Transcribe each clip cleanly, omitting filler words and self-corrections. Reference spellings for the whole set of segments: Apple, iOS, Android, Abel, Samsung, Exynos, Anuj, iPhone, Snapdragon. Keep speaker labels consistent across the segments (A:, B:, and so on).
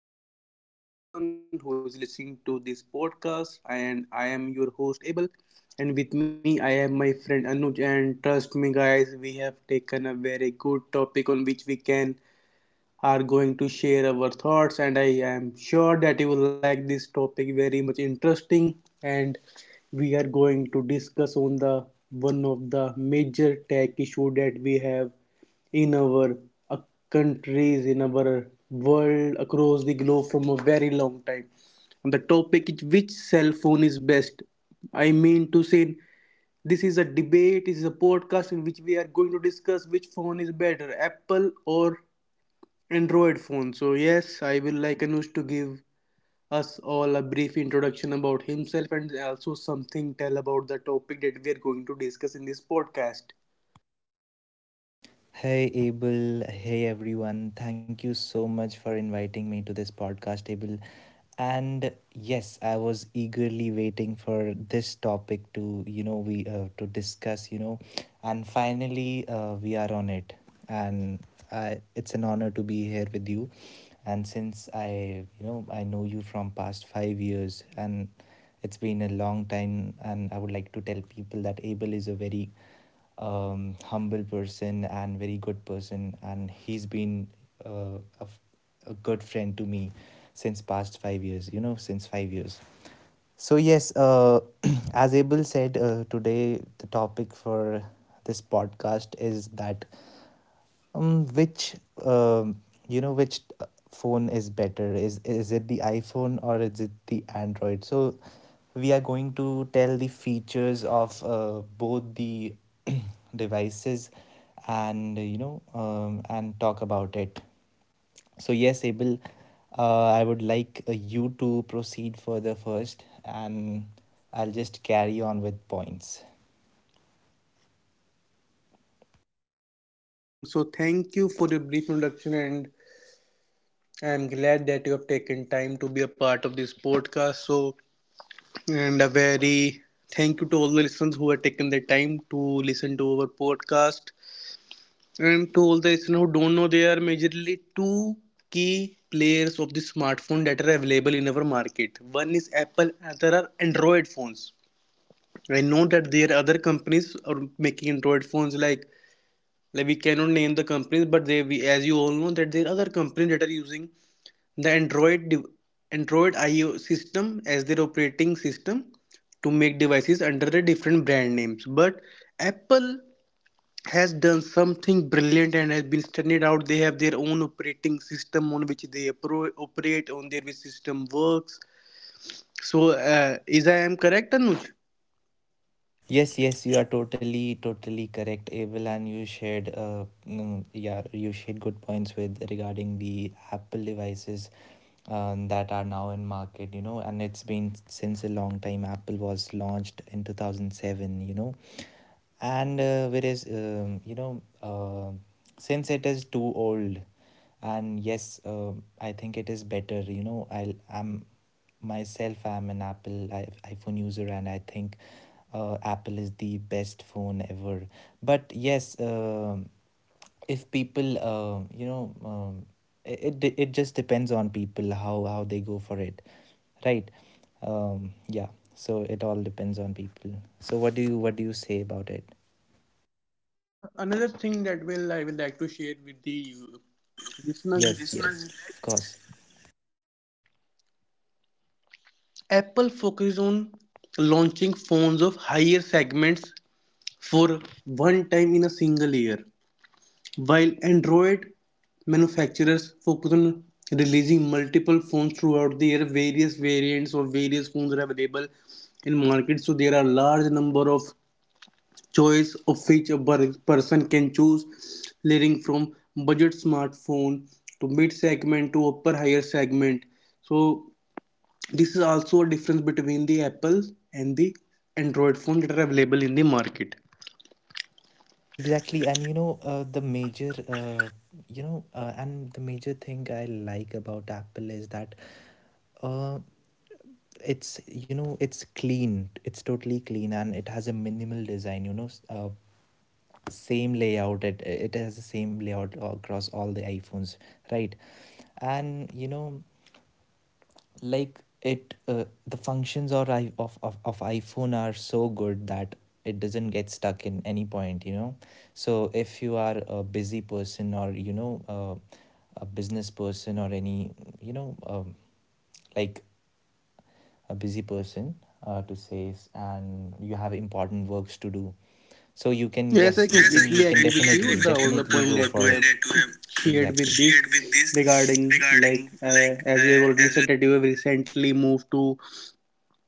A: podcast. Greetings to everyone who is listening to this podcast, and I am your host Abel. And with me, I have my friend Anuj. And trust me, guys, we have taken a very good topic on which we can are going to share our thoughts, and I am sure that you will like this topic very much. Interesting. And we are going to discuss on the one of the major tech issue that we have in our uh, countries, in our world across the globe from a very long time. And the topic is, which cell phone is best? I mean to say, this is a debate. This is a podcast in which we are going to discuss which phone is better, Apple or Android phone. So, yes, I will like Anush to give us all a brief introduction about himself and also something tell about the topic that we are going to discuss in this podcast.
B: Hey Abel, hey everyone. Thank you so much for inviting me to this podcast, Abel. And yes, I was eagerly waiting for this topic to discuss, and finally we are on it. And I, it's an honor to be here with you, and since I know you from past 5 years, and it's been a long time, and I would like to tell people that Abel is a very humble person and very good person, and he's been uh, a, f- a good friend to me since past 5 years, since 5 years. So yes, as Abel said, today the topic for this podcast is that, which um, you know, which phone is better? Is it the iPhone or is it the Android? So we are going to tell the features of both the devices, and and talk about it. So yes, Abel, I would like you to proceed further first, and I'll just carry on with points.
A: Mm, so, thank you for your brief introduction, and I'm glad that you have taken time to be a part of this podcast. So, and a very thank you to all the listeners who have taken the time to listen to our podcast. And to all the listeners who don't know, there are majorly two key players of the smartphone that are available in our market. One is Apple, and there are Android phones. I know that there are other companies are making Android phones like we cannot name the companies, but they we, as you all know that there are other companies that are using the Android IO system as their operating system to make devices under the different brand names. But Apple has done something brilliant and has been standing out. They have their own operating system on which they operate, on their which system works. So, is I am correct, Anuj?
B: Yes, yes, you are totally correct, Abel, and you shared, yeah, you shared good points with regarding the Apple devices that are now in market, you know, and it's been since a long time. Apple was launched in 2007, you know, and whereas, since it is too old. And yes, I think it is better, I'm myself, I'm an Apple iPhone user, and I think Apple is the best phone ever. But yes, if people, it just depends on people, how they go for it, right? Yeah. So it all depends on people. So what do you say about it?
A: Another thing that will I will like to share with the listeners is
B: Yes, yes, yes, of course,
A: that Apple focuses on launching phones of higher segments for one time in a single year. While Android manufacturers focus on releasing multiple phones throughout the year, various variants of various phones are available in market. So there are large number of choice of which a person can choose, leading from budget smartphone to mid segment to upper higher segment. So this is also a difference between the Apple and the Android phones that are available in the market.
B: exactly. And you know, the major, you know, and the major thing I like about Apple is that. Uh, it's, you know, it's clean, it's totally clean, and it has a minimal design, you know, same layout. It has the same layout across all the iPhones, right? And you know, like it the functions or I, of iPhone are so good that it doesn't get stuck in any point, you know. So if you are a busy person, or a business person, or any, you know um, like, a busy person, to say, and you have important works to do, so you can,
A: Yes,
B: yes
A: I
B: you, yes, I can, you
A: completely
B: can
A: agree with
B: definitely
A: you. The all the
B: definitely
A: point
B: go
A: that
B: for
A: you
B: point
A: have shared
B: exactly
A: with this
B: shared with this
A: regarding
B: regarding
A: like,
B: like
A: as we have already
B: as.
A: said that you have recently moved to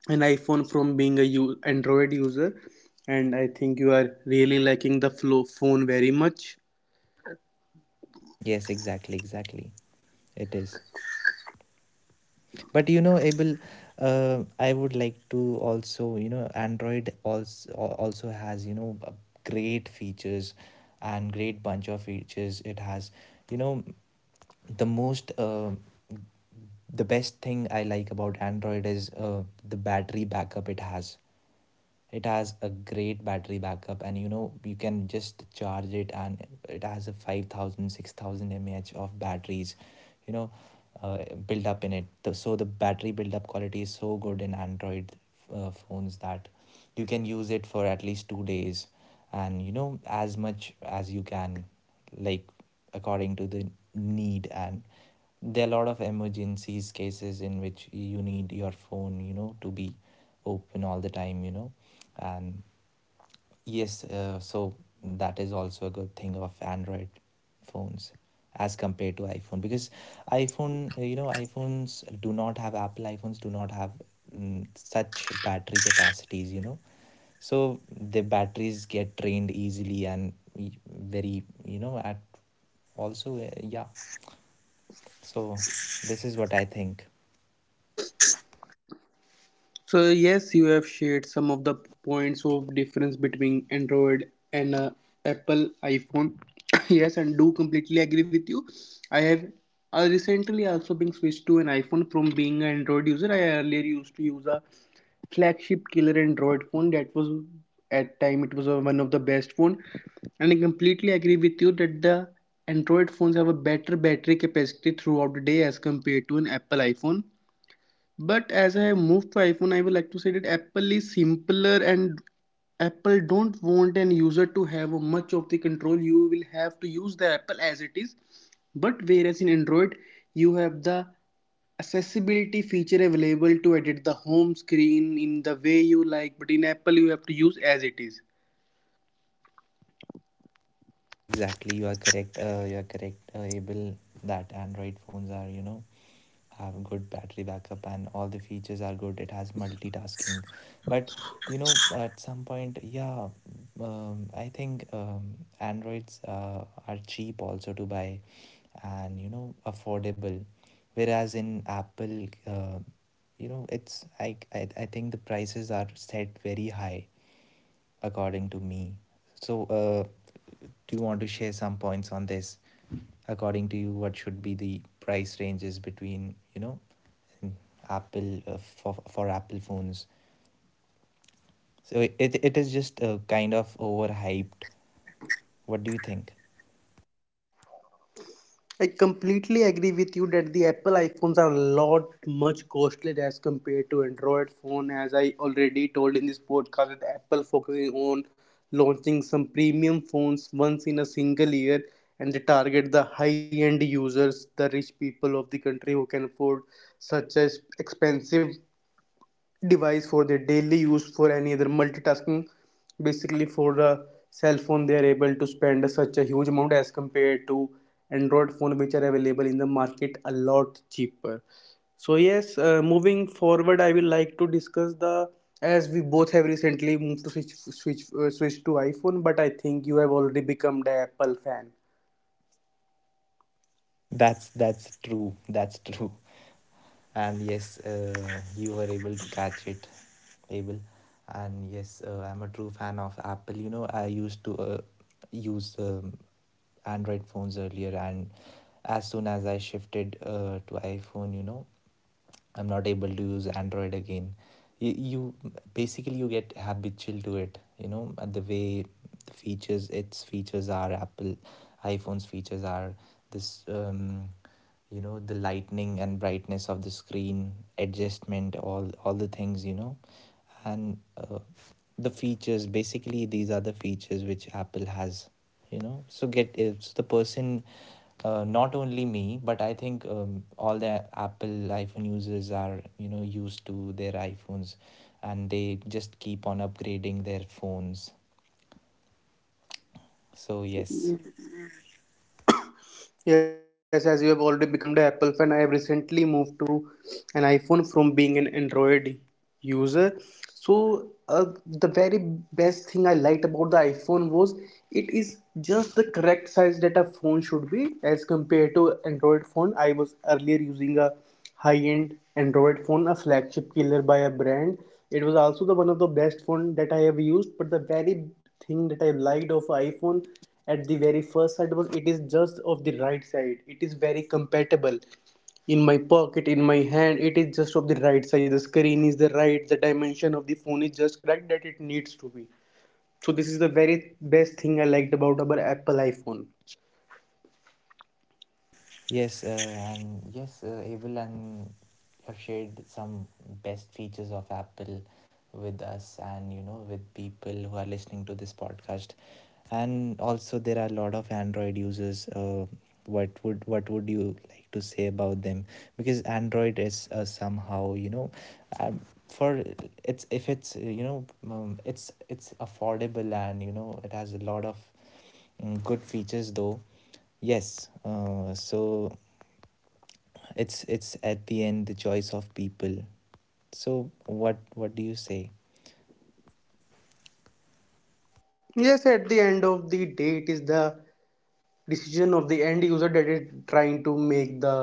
A: an iPhone from being a Android user, and I think you are really liking the flow phone very much.
B: Yes, exactly, exactly. It is. But you know, Abel, I would like to also, you know, Android also has, you know, great features and great bunch of features. It has, you know, the most the best thing I like about Android is the battery backup it has. It has a great battery backup, and you know, you can just charge it, and it has a 5,000, six 6,000 mAh of batteries, you know, uh, build up in it. So the battery build up quality is so good in Android phones that you can use it for at least 2 days, and you know, as much as you can, like, according to the need. And there are a lot of emergencies cases in which you need your phone, you know, to be open all the time, you know. And yes, so that is also a good thing of Android phones as compared to iPhone, because iphone you know iphones do not have Apple iPhones do not have, such battery capacities, you know. So the batteries get drained easily and very, you know, at also, yeah. So this is what I think.
A: So yes, you have shared some of the points of difference between Android and, Apple iPhone. Yes, and do completely agree with you. I have, recently also been switched to an iPhone from being an Android user. I earlier used to use a flagship killer Android phone that was at time it was, one of the best phone, and I completely agree with you that the Android phones have a better battery capacity throughout the day as compared to an Apple iPhone. But as I have moved to iPhone, I would like to say that Apple is simpler, and Apple don't want an user to have much of the control. You will have to use the Apple as it is. But whereas in Android, you have the accessibility feature available to edit the home screen in the way you like. But in Apple, you have to use as it is.
B: Yes, exactly. You are correct. You are correct, Abel. That Android phones are, you know, have good battery backup, and all the features are good. It has multitasking, but you know, at some point, yeah. I think Androids are cheap also to buy, and you know, affordable, whereas in Apple, you know it's I think the prices are set very high, according to me. So do you want to share some points on this? According to you, what should be the price ranges, between, you know, in Apple, for Apple phones? So it is just, kind of overhyped. What do you think?
A: I completely agree with you that the Apple iPhones are a lot much costly as compared to Android phone. As I already told in this podcast, that Apple focusing on launching some premium phones once in a single year, and they target the high-end users, the rich people of the country who can afford such as expensive device for their daily use for any other multitasking, basically for the cell phone. They are able to spend such a huge amount as compared to Android phone, which are available in the market a lot cheaper. So yes, moving forward, I will like to discuss the, as we both have recently moved to switch to iPhone, but I think you have already become the Apple fan.
B: That's true. That's true. And yes, you were able to catch it, Abel. And yes, I'm a true fan of Apple. You know, I used to use Android phones earlier, and as soon as I shifted to iPhone, you know, I'm not able to use Android again. You basically you get habitual to it, you know, and the way the features, its features are Apple, iPhone's features are this, you know, the lightning and brightness of the screen adjustment, all the things, you know. And the features, basically these are the features which Apple has, you know. So get, if the person, not only me, but I think, all the Apple iPhone users are, you know, used to their iPhones, and they just keep on upgrading their phones. So yes,
A: Yes, as you have already become the Apple fan, I have recently moved to an iPhone from being an Android user. So, the very best thing I liked about the iPhone was, it is just the correct size that a phone should be as compared to Android phone. I was earlier using a high-end Android phone, a flagship killer by a brand. It was also the one of the best phone that I have used. But the very thing that I liked of iPhone at the very first sight was, it is just of the right side. It is very compatible in my pocket, in my hand. It is just of the right side. The screen is the right. The dimension of the phone is just correct that it needs to be. So this is the very best thing I liked about our Apple iPhone.
B: yes, and yes, Abel and have shared some best features of Apple with us, and you know, with people who are listening to this podcast. And also there are a lot of Android users, what would you like to say about them? Because Android is, somehow, you know, um, for, it's if it's you know it's affordable, and you know, it has a lot of good features though. Yes, so it's at the end the choice of people. So what do you say?
A: Yes, at the end of the day, it is the decision of the end user that is trying to make the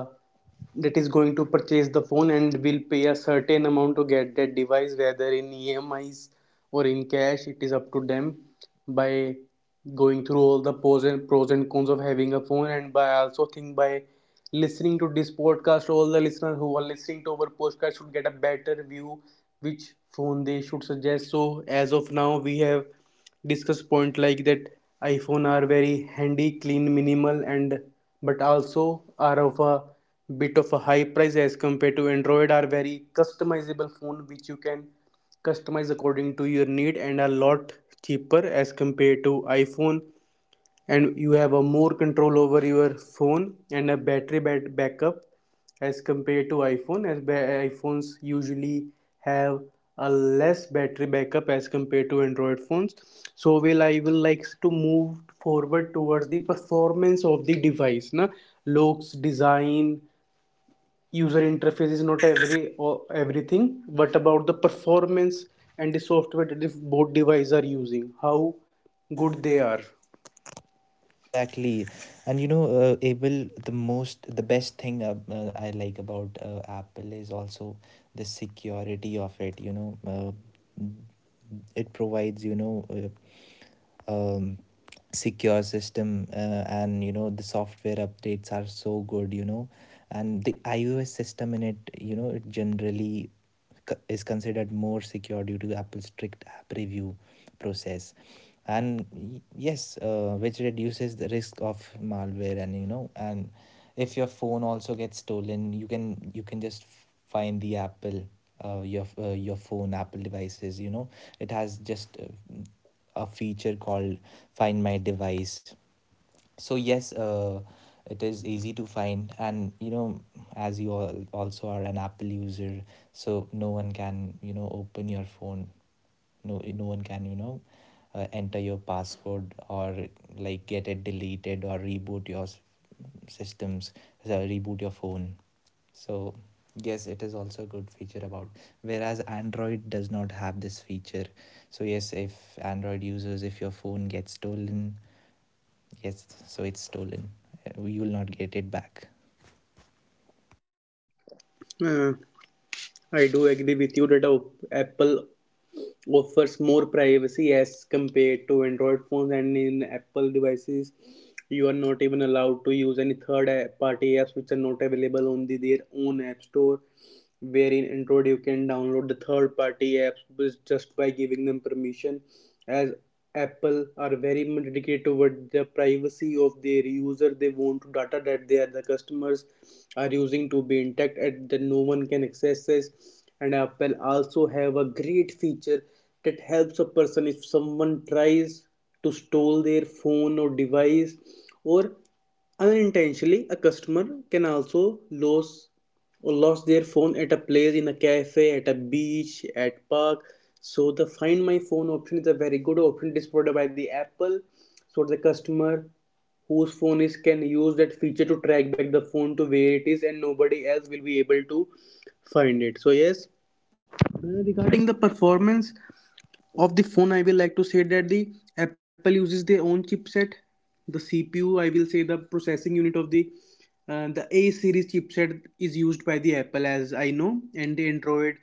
A: that is going to purchase the phone and will pay a certain amount to get that device, whether in EMIs or in cash, it is up to them. By going through all the pros and cons of having a phone, and by also think by listening to this podcast, all the listeners who are listening to our podcast should get a better view which phone they should suggest. So as of now, we have discuss point like that iPhone are very handy, clean, minimal, and but also are of a bit of a high price as compared to Android. Are very customizable phone which you can customize according to your need, and a lot cheaper as compared to iPhone, and you have a more control over your phone, and a battery backup as compared to iPhone, as iPhones usually have a less battery backup as compared to Android phones. So will, I will like to move forward towards the performance of the device, na. Looks, design, user
B: User
A: interface is not
B: interface,
A: every or everything, but about the performance and the software that if both devices are using, how
B: how?
A: good they are.
B: Exactly, and you know, Abel, the most the best thing, I like about Apple is also the security of it. You know, it provides, um secure system, and you know, the software updates are so good, you know. And the iOS system in it, you know, it generally is considered more secure due to Apple's strict app review process. And yes, which reduces the risk of malware. And you know, and if your phone also gets stolen, you can, just find the apple your phone, Apple devices, you know. It has just, a feature called Find My Device. So yes, it is easy to find, and you know, as you all also are an Apple user, so no one can, you know, open your phone. No one can, you know, enter your password, or like, get it deleted, or reboot your systems, reboot your phone. So yes, it is also a good feature about, whereas Android does not have this feature. So yes, if Android users, if your phone gets stolen. Yes, so it's stolen. You will not get it back.
A: Hmm. I do agree with you that, Apple offers more privacy as compared to Android phones, and in Apple devices, you are not even allowed to use any third party apps which are not available on the, their own app store, wherein Android you can download the third party apps just by giving them permission. As Apple are very much dedicated toward the privacy of their user, they want data that they are, the customers are using, to be intact and that no one can access this. And Apple also have a great feature that helps a person if someone tries to steal their phone or device, or unintentionally a customer can also lose or lost their phone at a place, in a cafe, at a beach, at park. So the find my phone option is a very good option. It is provided by the Apple. So the customer whose phone is, can use that feature to track back the phone to where it is, and nobody else will be able to find it. So yes, regarding the performance of the phone, I will like to say that the Apple uses their own chipset. The CPU, I will say, the processing unit of the, the A series chipset is used by the Apple, as I know. And the Android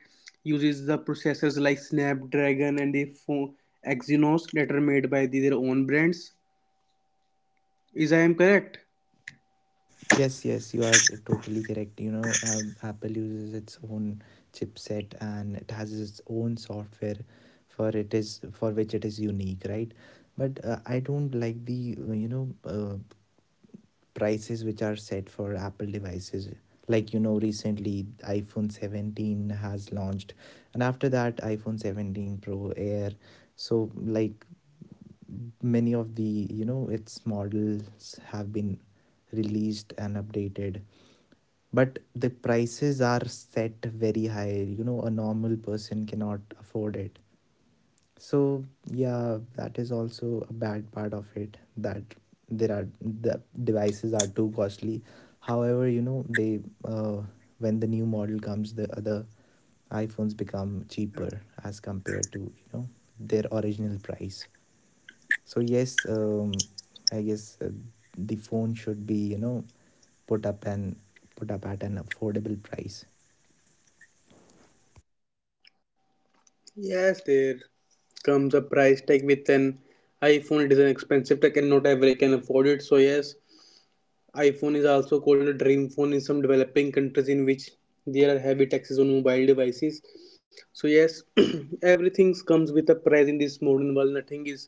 A: uses the processors like Snapdragon and the phone Exynos that are made by the, their own brands, is I am correct?
B: Yes, yes, you are totally correct. You know, Apple uses its own chipset, and it has its own software for it, is for which it is unique, right? But I don't like the, prices which are set for Apple devices. Like you know, recently iPhone 17 has launched, and after that iPhone 17 Pro Air. So like, many of the, you know, its models have been released and updated, but the prices are set very high, you know. A normal person cannot afford it. So yeah, that is also a bad part of it, that there are the devices are too costly. However, you know, they, uh, when the new model comes, the other iPhones become cheaper as compared to, you know, their original price. So yes, I guess the phone should be, you know, put up and put up at an affordable price.
A: Yes, there comes a price tag with an iPhone. It is an expensive tech, and not everyone can afford it. So yes, iPhone is also called a dream phone in some developing countries in which there are heavy taxes on mobile devices. So yes, everything comes with a price in this modern world. Nothing is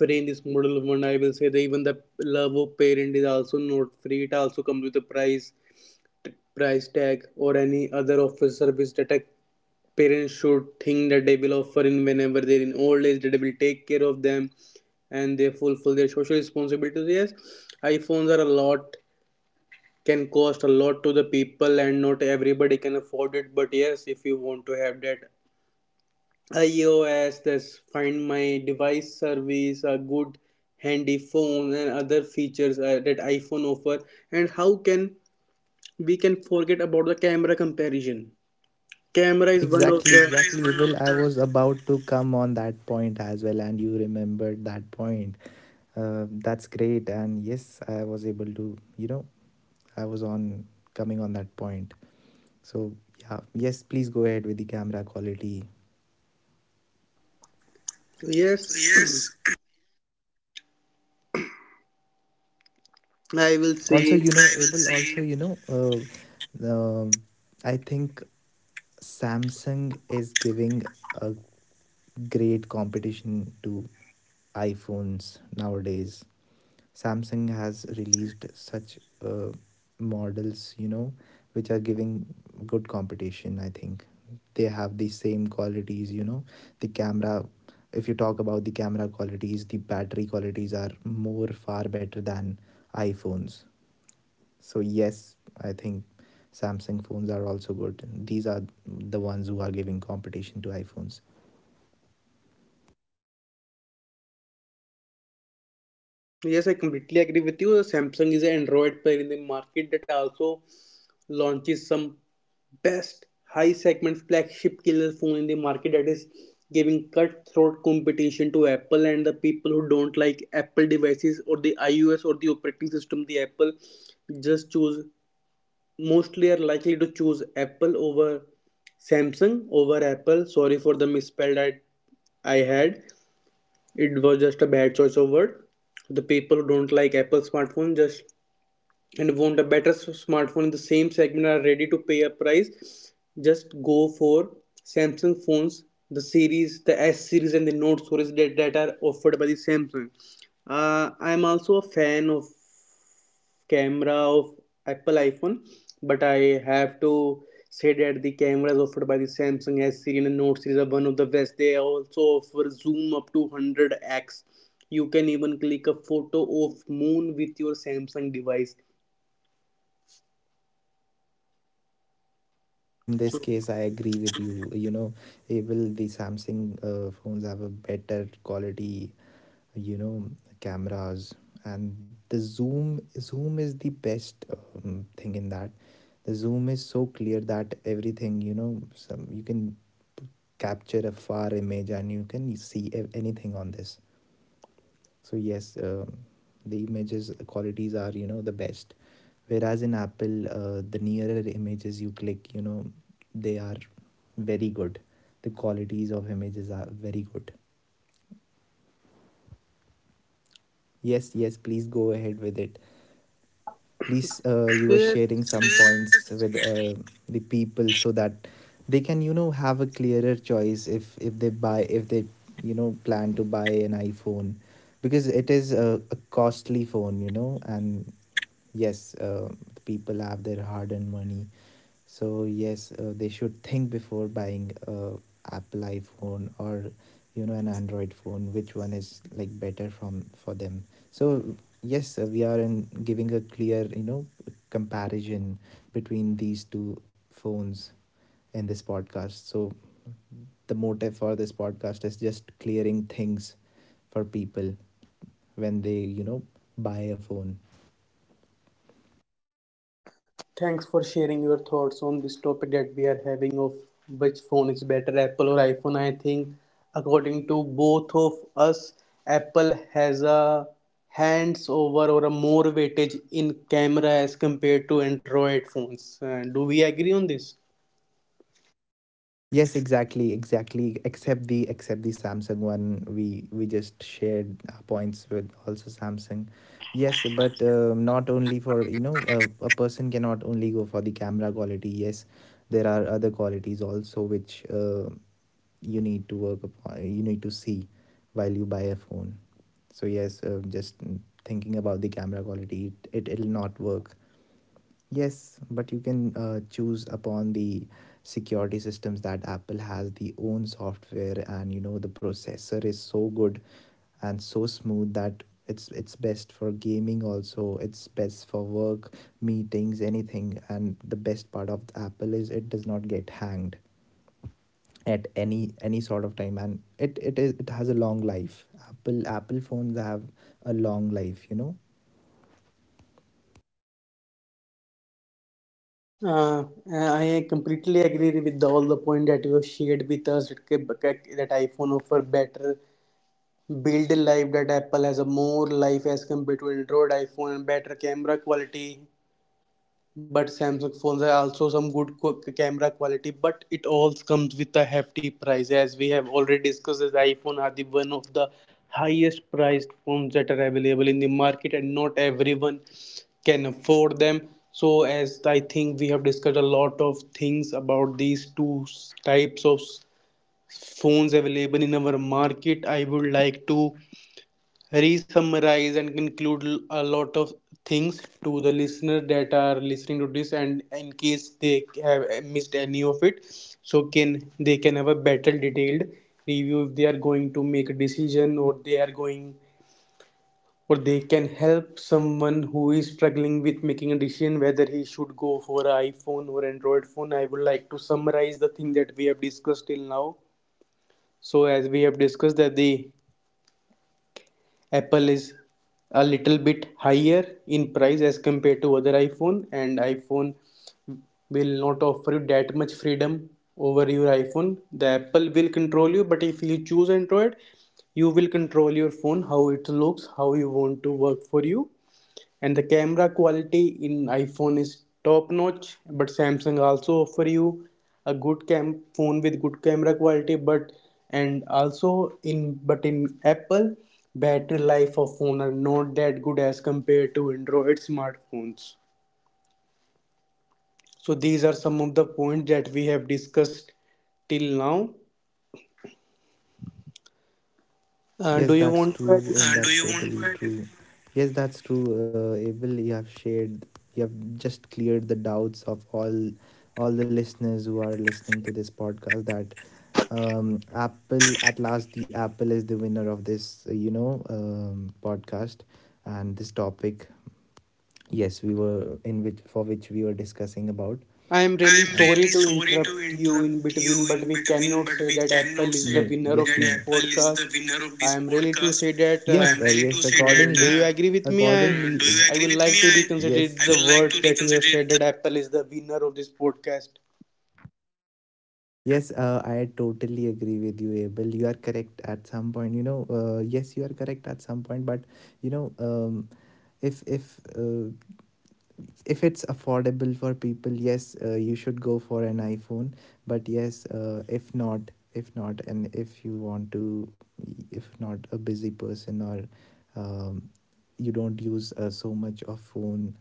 A: free in this modern world. I will say that even the love of parent is also not free. It also comes with a price, price tag, or any other offer service that a parent should think that they will offer in whenever they're in old age. That they will take care of them and they fulfill their social responsibilities. Yes, iPhones are a lot can cost a lot to the people, and not everybody can afford it, but yes, if you want to have that iOS, this find my device service, a good handy phone and other features that iPhone offer. And how can we can forget about the camera comparison camera is one of
B: Exactly,
A: the
B: exactly. Well, I was about to come on that point as well, and you remembered that point. That's great, and yes, I was able to, you know, I was on coming on that point. So yeah, yes, please go ahead with the camera quality.
A: yes
B: Yes,
A: I will
B: also
A: say.
B: you know, I will able say, also you know, I think Samsung is giving a great competition to iPhones nowadays. Samsung has released such uh, models, you know, which are giving good competition, I think. They have the same qualities, you know. The camera, if you talk about the camera qualities, the battery qualities are more far better than iPhones. So yes, I think Samsung phones are also good. These are the ones who are giving competition to iPhones.
A: Yes, I completely agree with you. Samsung is an Android player in the market that also launches some best high segment flagship killer phone in the market that is giving cutthroat competition to Apple, and the people who don't like Apple devices or the iOS or the operating system, the Apple just choose, mostly are likely to choose Apple over Samsung, over Apple, sorry for the misspelled I had, it was just a bad choice of word. The people who don't like Apple smartphone just and want a better smartphone in the same segment and are ready to pay a price just go for Samsung phones, the series, the S series and the Note series that are offered by the Samsung. I am also a fan of camera of Apple iPhone, but I have to say that the cameras offered by the Samsung S series and Note series are one of the best. They also offer zoom up to 100x. You can even click a photo of moon with your Samsung device.
B: Yes, in this case I agree with you, you know. Will the Samsung phones have a better quality, you know, cameras? And the zoom is the best thing in that. The zoom is so clear that everything, you know, some you can capture a far image and you can see anything on this. So yes, the images qualities are, you know, the best, whereas in Apple, the nearer images you click, you know, they are very good. The qualities of images are very good. Yes, yes, please go ahead with it. Please, you were
A: So yeah,
B: sharing some points with the people, so that they can, you know, have a clearer choice if they buy if they, you know, plan to buy an iPhone. Because it is a costly phone, you know, and yes, the people have their hard-earned money. So yes, they should think before buying a Apple iPhone, or you know, an Android phone, which one is like better from for them. So yes, sir, we are in giving a clear, you know, comparison between these two phones in this podcast. So the motive for this podcast is just clearing things for people when they, you know, buy a phone.
A: thanks for sharing your thoughts on this topic that we are having of which phone is better, Apple or iPhone. I think, according to both of us, Apple has a hands over or a more weightage in camera as compared to Android phones. Do we agree on this?
B: Yes, exactly, exactly. Except the Samsung one, we just shared our points with also Samsung. Yes, but not only for, you know, a person cannot only go for the camera quality. Yes, there are other qualities also which you need to work upon. You need to see while you buy a phone. So yes, just thinking about the camera quality, it will not work. Yes, but you can choose upon the security systems that Apple has. The own software and, you know, the processor is so good and so smooth that it's best for gaming, also it's best for work meetings, anything. And the best part of Apple is it does not get hanged at any sort of time, and it has a long life. Apple phones have a long life, you know.
A: Uh, I completely agree with the, all the point that you have shared with us that iPhone offer better build life, that Apple has a more life as compared to Android, iPhone better camera quality, but Samsung phones are also some good camera quality, but it all comes with a hefty price, as we have already discussed, as iPhone are the one of the highest priced phones that are available in the market and not everyone can afford them. So as I think we have discussed a lot of things about these two types of phones available in our market, I would like to re-summarize and conclude a lot of things to the listener that are listening to this, and in case they have missed any of it, so can they can have a better detailed review if they are going to make a decision, or they are going, or they can help someone who is struggling with making a decision whether he should go for an iPhone or Android phone. I would like to summarize the thing that we have discussed till now. So as we have discussed that the Apple is a little bit higher in price as compared to other iPhone, and iPhone will not offer you that much freedom over your iPhone. The Apple will control you, but if you choose Android, you will control your phone, how it looks, how you want to work for you. And the camera quality in iPhone is top notch, but Samsung also offer you a good cam phone with good camera quality, but and also in, but in Apple, battery life of phone are not that good as compared to Android smartphones. So these are some of the points
B: So
A: that
B: these
A: we
B: are
A: have
B: some.
A: discussed till now. Do
B: Yes,
A: you want
B: that's
A: to
B: true,
A: add.
B: and do that's you want totally true. Yes, that's true, Abel. You have shared, you have just cleared the doubts of all the listeners who are listening to this podcast. That Apple, at last, the Apple is the winner of this, you know, podcast and this topic, yes, we were in which for which we were discussing about.
A: I am
B: I
A: really
B: am and
A: sorry
B: really
A: to
B: sorry to
A: interrupt you in
B: interrupt you
A: between, but
B: in
A: we
B: between,
A: cannot
B: but
A: say
B: we
A: that
B: cannot
A: Apple is
B: say
A: the
B: no
A: winner
B: yes
A: of
B: that no
A: this
B: Apple is the
A: podcast.
B: winner of
A: I
B: this
A: am really to
B: podcast.
A: say that.
B: I am really to say that. Accordingly
A: Do you agree with me? I
B: Accordingly do you
A: I
B: agree
A: would
B: with
A: like
B: me?
A: to
B: I
A: reconsider
B: I
A: the
B: will like
A: words
B: to
A: that you have
B: reconsider
A: said
B: it.
A: that Apple is the winner of this podcast.
B: Yes, I totally agree with you, Abel. You are correct at some point. You know, yes, you are correct at some point, but you know, if if uh, if it's affordable for people, yes, you should go for an iPhone. But yes, if not, and if you want to, if not a busy person or um, you don't use so much of phone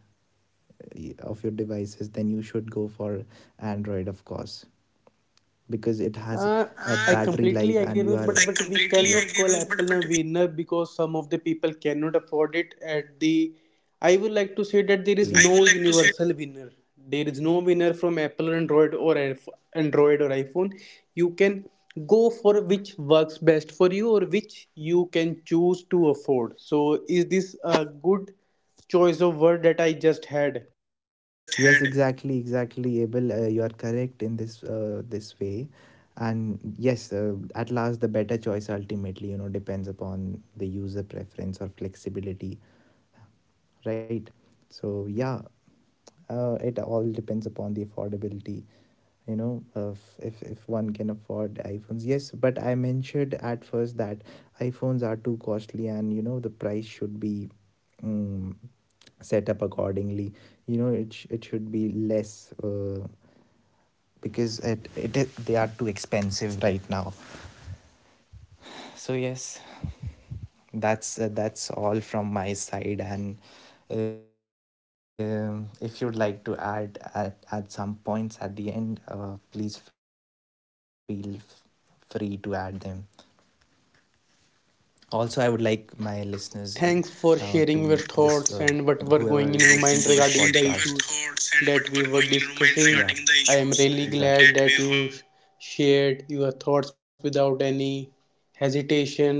B: of your devices, then you should go for Android, of course, because it has a
A: Uh, I
B: Battery
A: completely
B: life.
A: agree,
B: And you
A: Anuj,
B: are,
A: but,
B: I
A: but we
B: completely
A: cannot
B: agree
A: call
B: with,
A: Apple a
B: but
A: winner because some of the people cannot afford it. At the, I would like to
B: the
A: say that there
B: exactly
A: is
B: I
A: no
B: would like to say.
A: universal winner. There is no winner from Apple, Android, or Android or iPhone. You can go for which works best for you or which you can choose to afford. So, is this a good choice of word that I just had?
B: Just Yes, had Exactly, exactly, Abel. You are correct in this this way, and yes, at last, the better choice ultimately, you know, depends upon the user preference or flexibility, right? So yeah, it all depends upon the affordability. You know, of if one can afford iPhones, yes. But I mentioned at first that iPhones are too costly, and you know the price should be. Um, Set up accordingly, you know, it should be less, because it, they are too expensive right now. So yes, that's all from my side. And if you'd like to add at some points at the end, please feel free to add them. Also I would like my listeners to this
A: Thanks for sharing your
B: whoever is and
A: thoughts
B: listening to for this
A: and what
B: sharing your
A: were going
B: podcast,
A: in your mind
B: thoughts and
A: regarding the
B: whatever going in your
A: issues
B: mind regarding
A: that
B: the
A: we were
B: issues exactly
A: discussing.
B: that we
A: I
B: were.
A: am really glad that you shared your thoughts without any hesitation,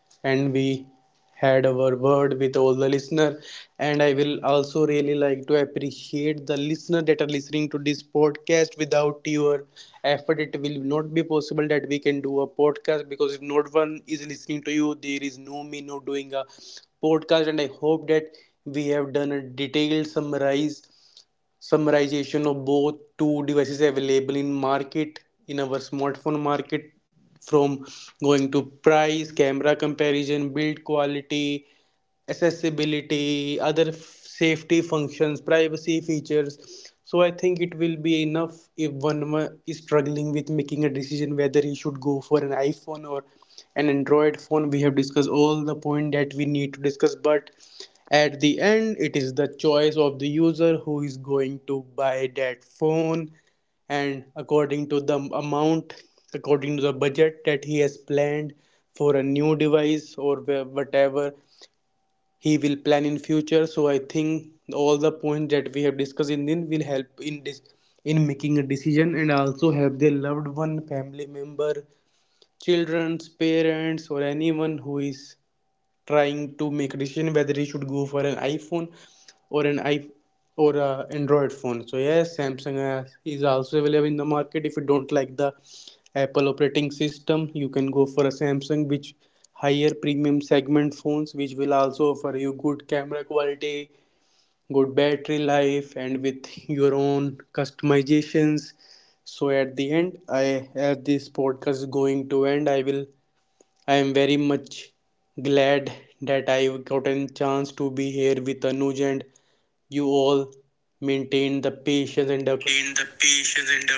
A: and we had our word with all the listener and. And I will also really like to appreciate the listener that are listening to this podcast. Without your effort, it will not be possible that we can do a podcast, because if not one is listening to you, there is no me no doing a podcast. And I hope that we have done a detailed summarize summarization of both two devices available in market, in our smartphone market, from going to price, camera comparison, build quality, accessibility, other safety functions, privacy features. So I think it will be enough if one is struggling with making a decision whether he should go for an iPhone or an Android phone. We have discussed all the point that we need to discuss, but at the end, it is the choice of the user who is going to buy that phone, and according to the amount, according to the budget that he has planned for a new device, or whatever he will plan in future. So I think all the points that we have discussed in this will help in this in making a decision and also help their loved one, family member, children's, parents, or anyone who is trying to make a decision whether he should go for an iPhone or an I or a Android phone. So yes, Samsung is also available in the market. If you don't like the Apple operating system, you can go for a Samsung, which higher premium segment phones, which will also offer you good camera quality, good battery life, and with your own customizations. So at the end, I, as this podcast is going to end, I will, I am very much glad that I've gotten a chance to be here with Anuj, and you all maintain the patience and the
B: Maintain the patience and the.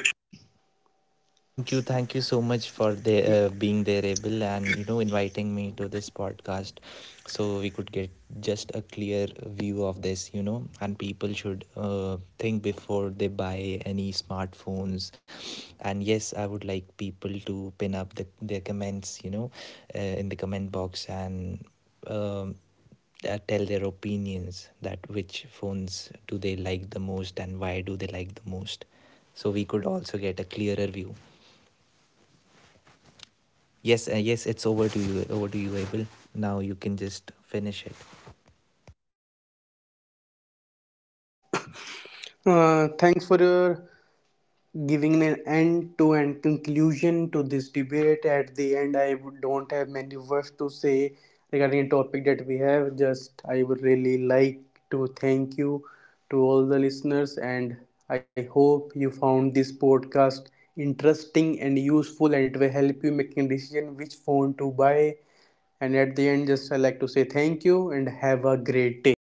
B: And thank you so much for the being there, able and you know, inviting me to this podcast, so we could get just a clear view of this, you know. And people should think before they buy any smartphones. And yes, I would like people to pin up their comments, you know, in the comment box and. Um, Tell their opinions that which phones do they like the most, and why do they like the most, so we could also get a clearer view. Yes, yes, it's over to you. Over to you, Abel. Now you can just finish it.
A: thanks for your giving an end to end conclusion to this debate. At the end, I would, don't have many words to say regarding a topic that we have just. I would really like to thank you to all the listeners, and I hope you found this podcast interesting and useful, and it will help you making decision which phone to buy. And at the end, just I like to say thank you and have a great day.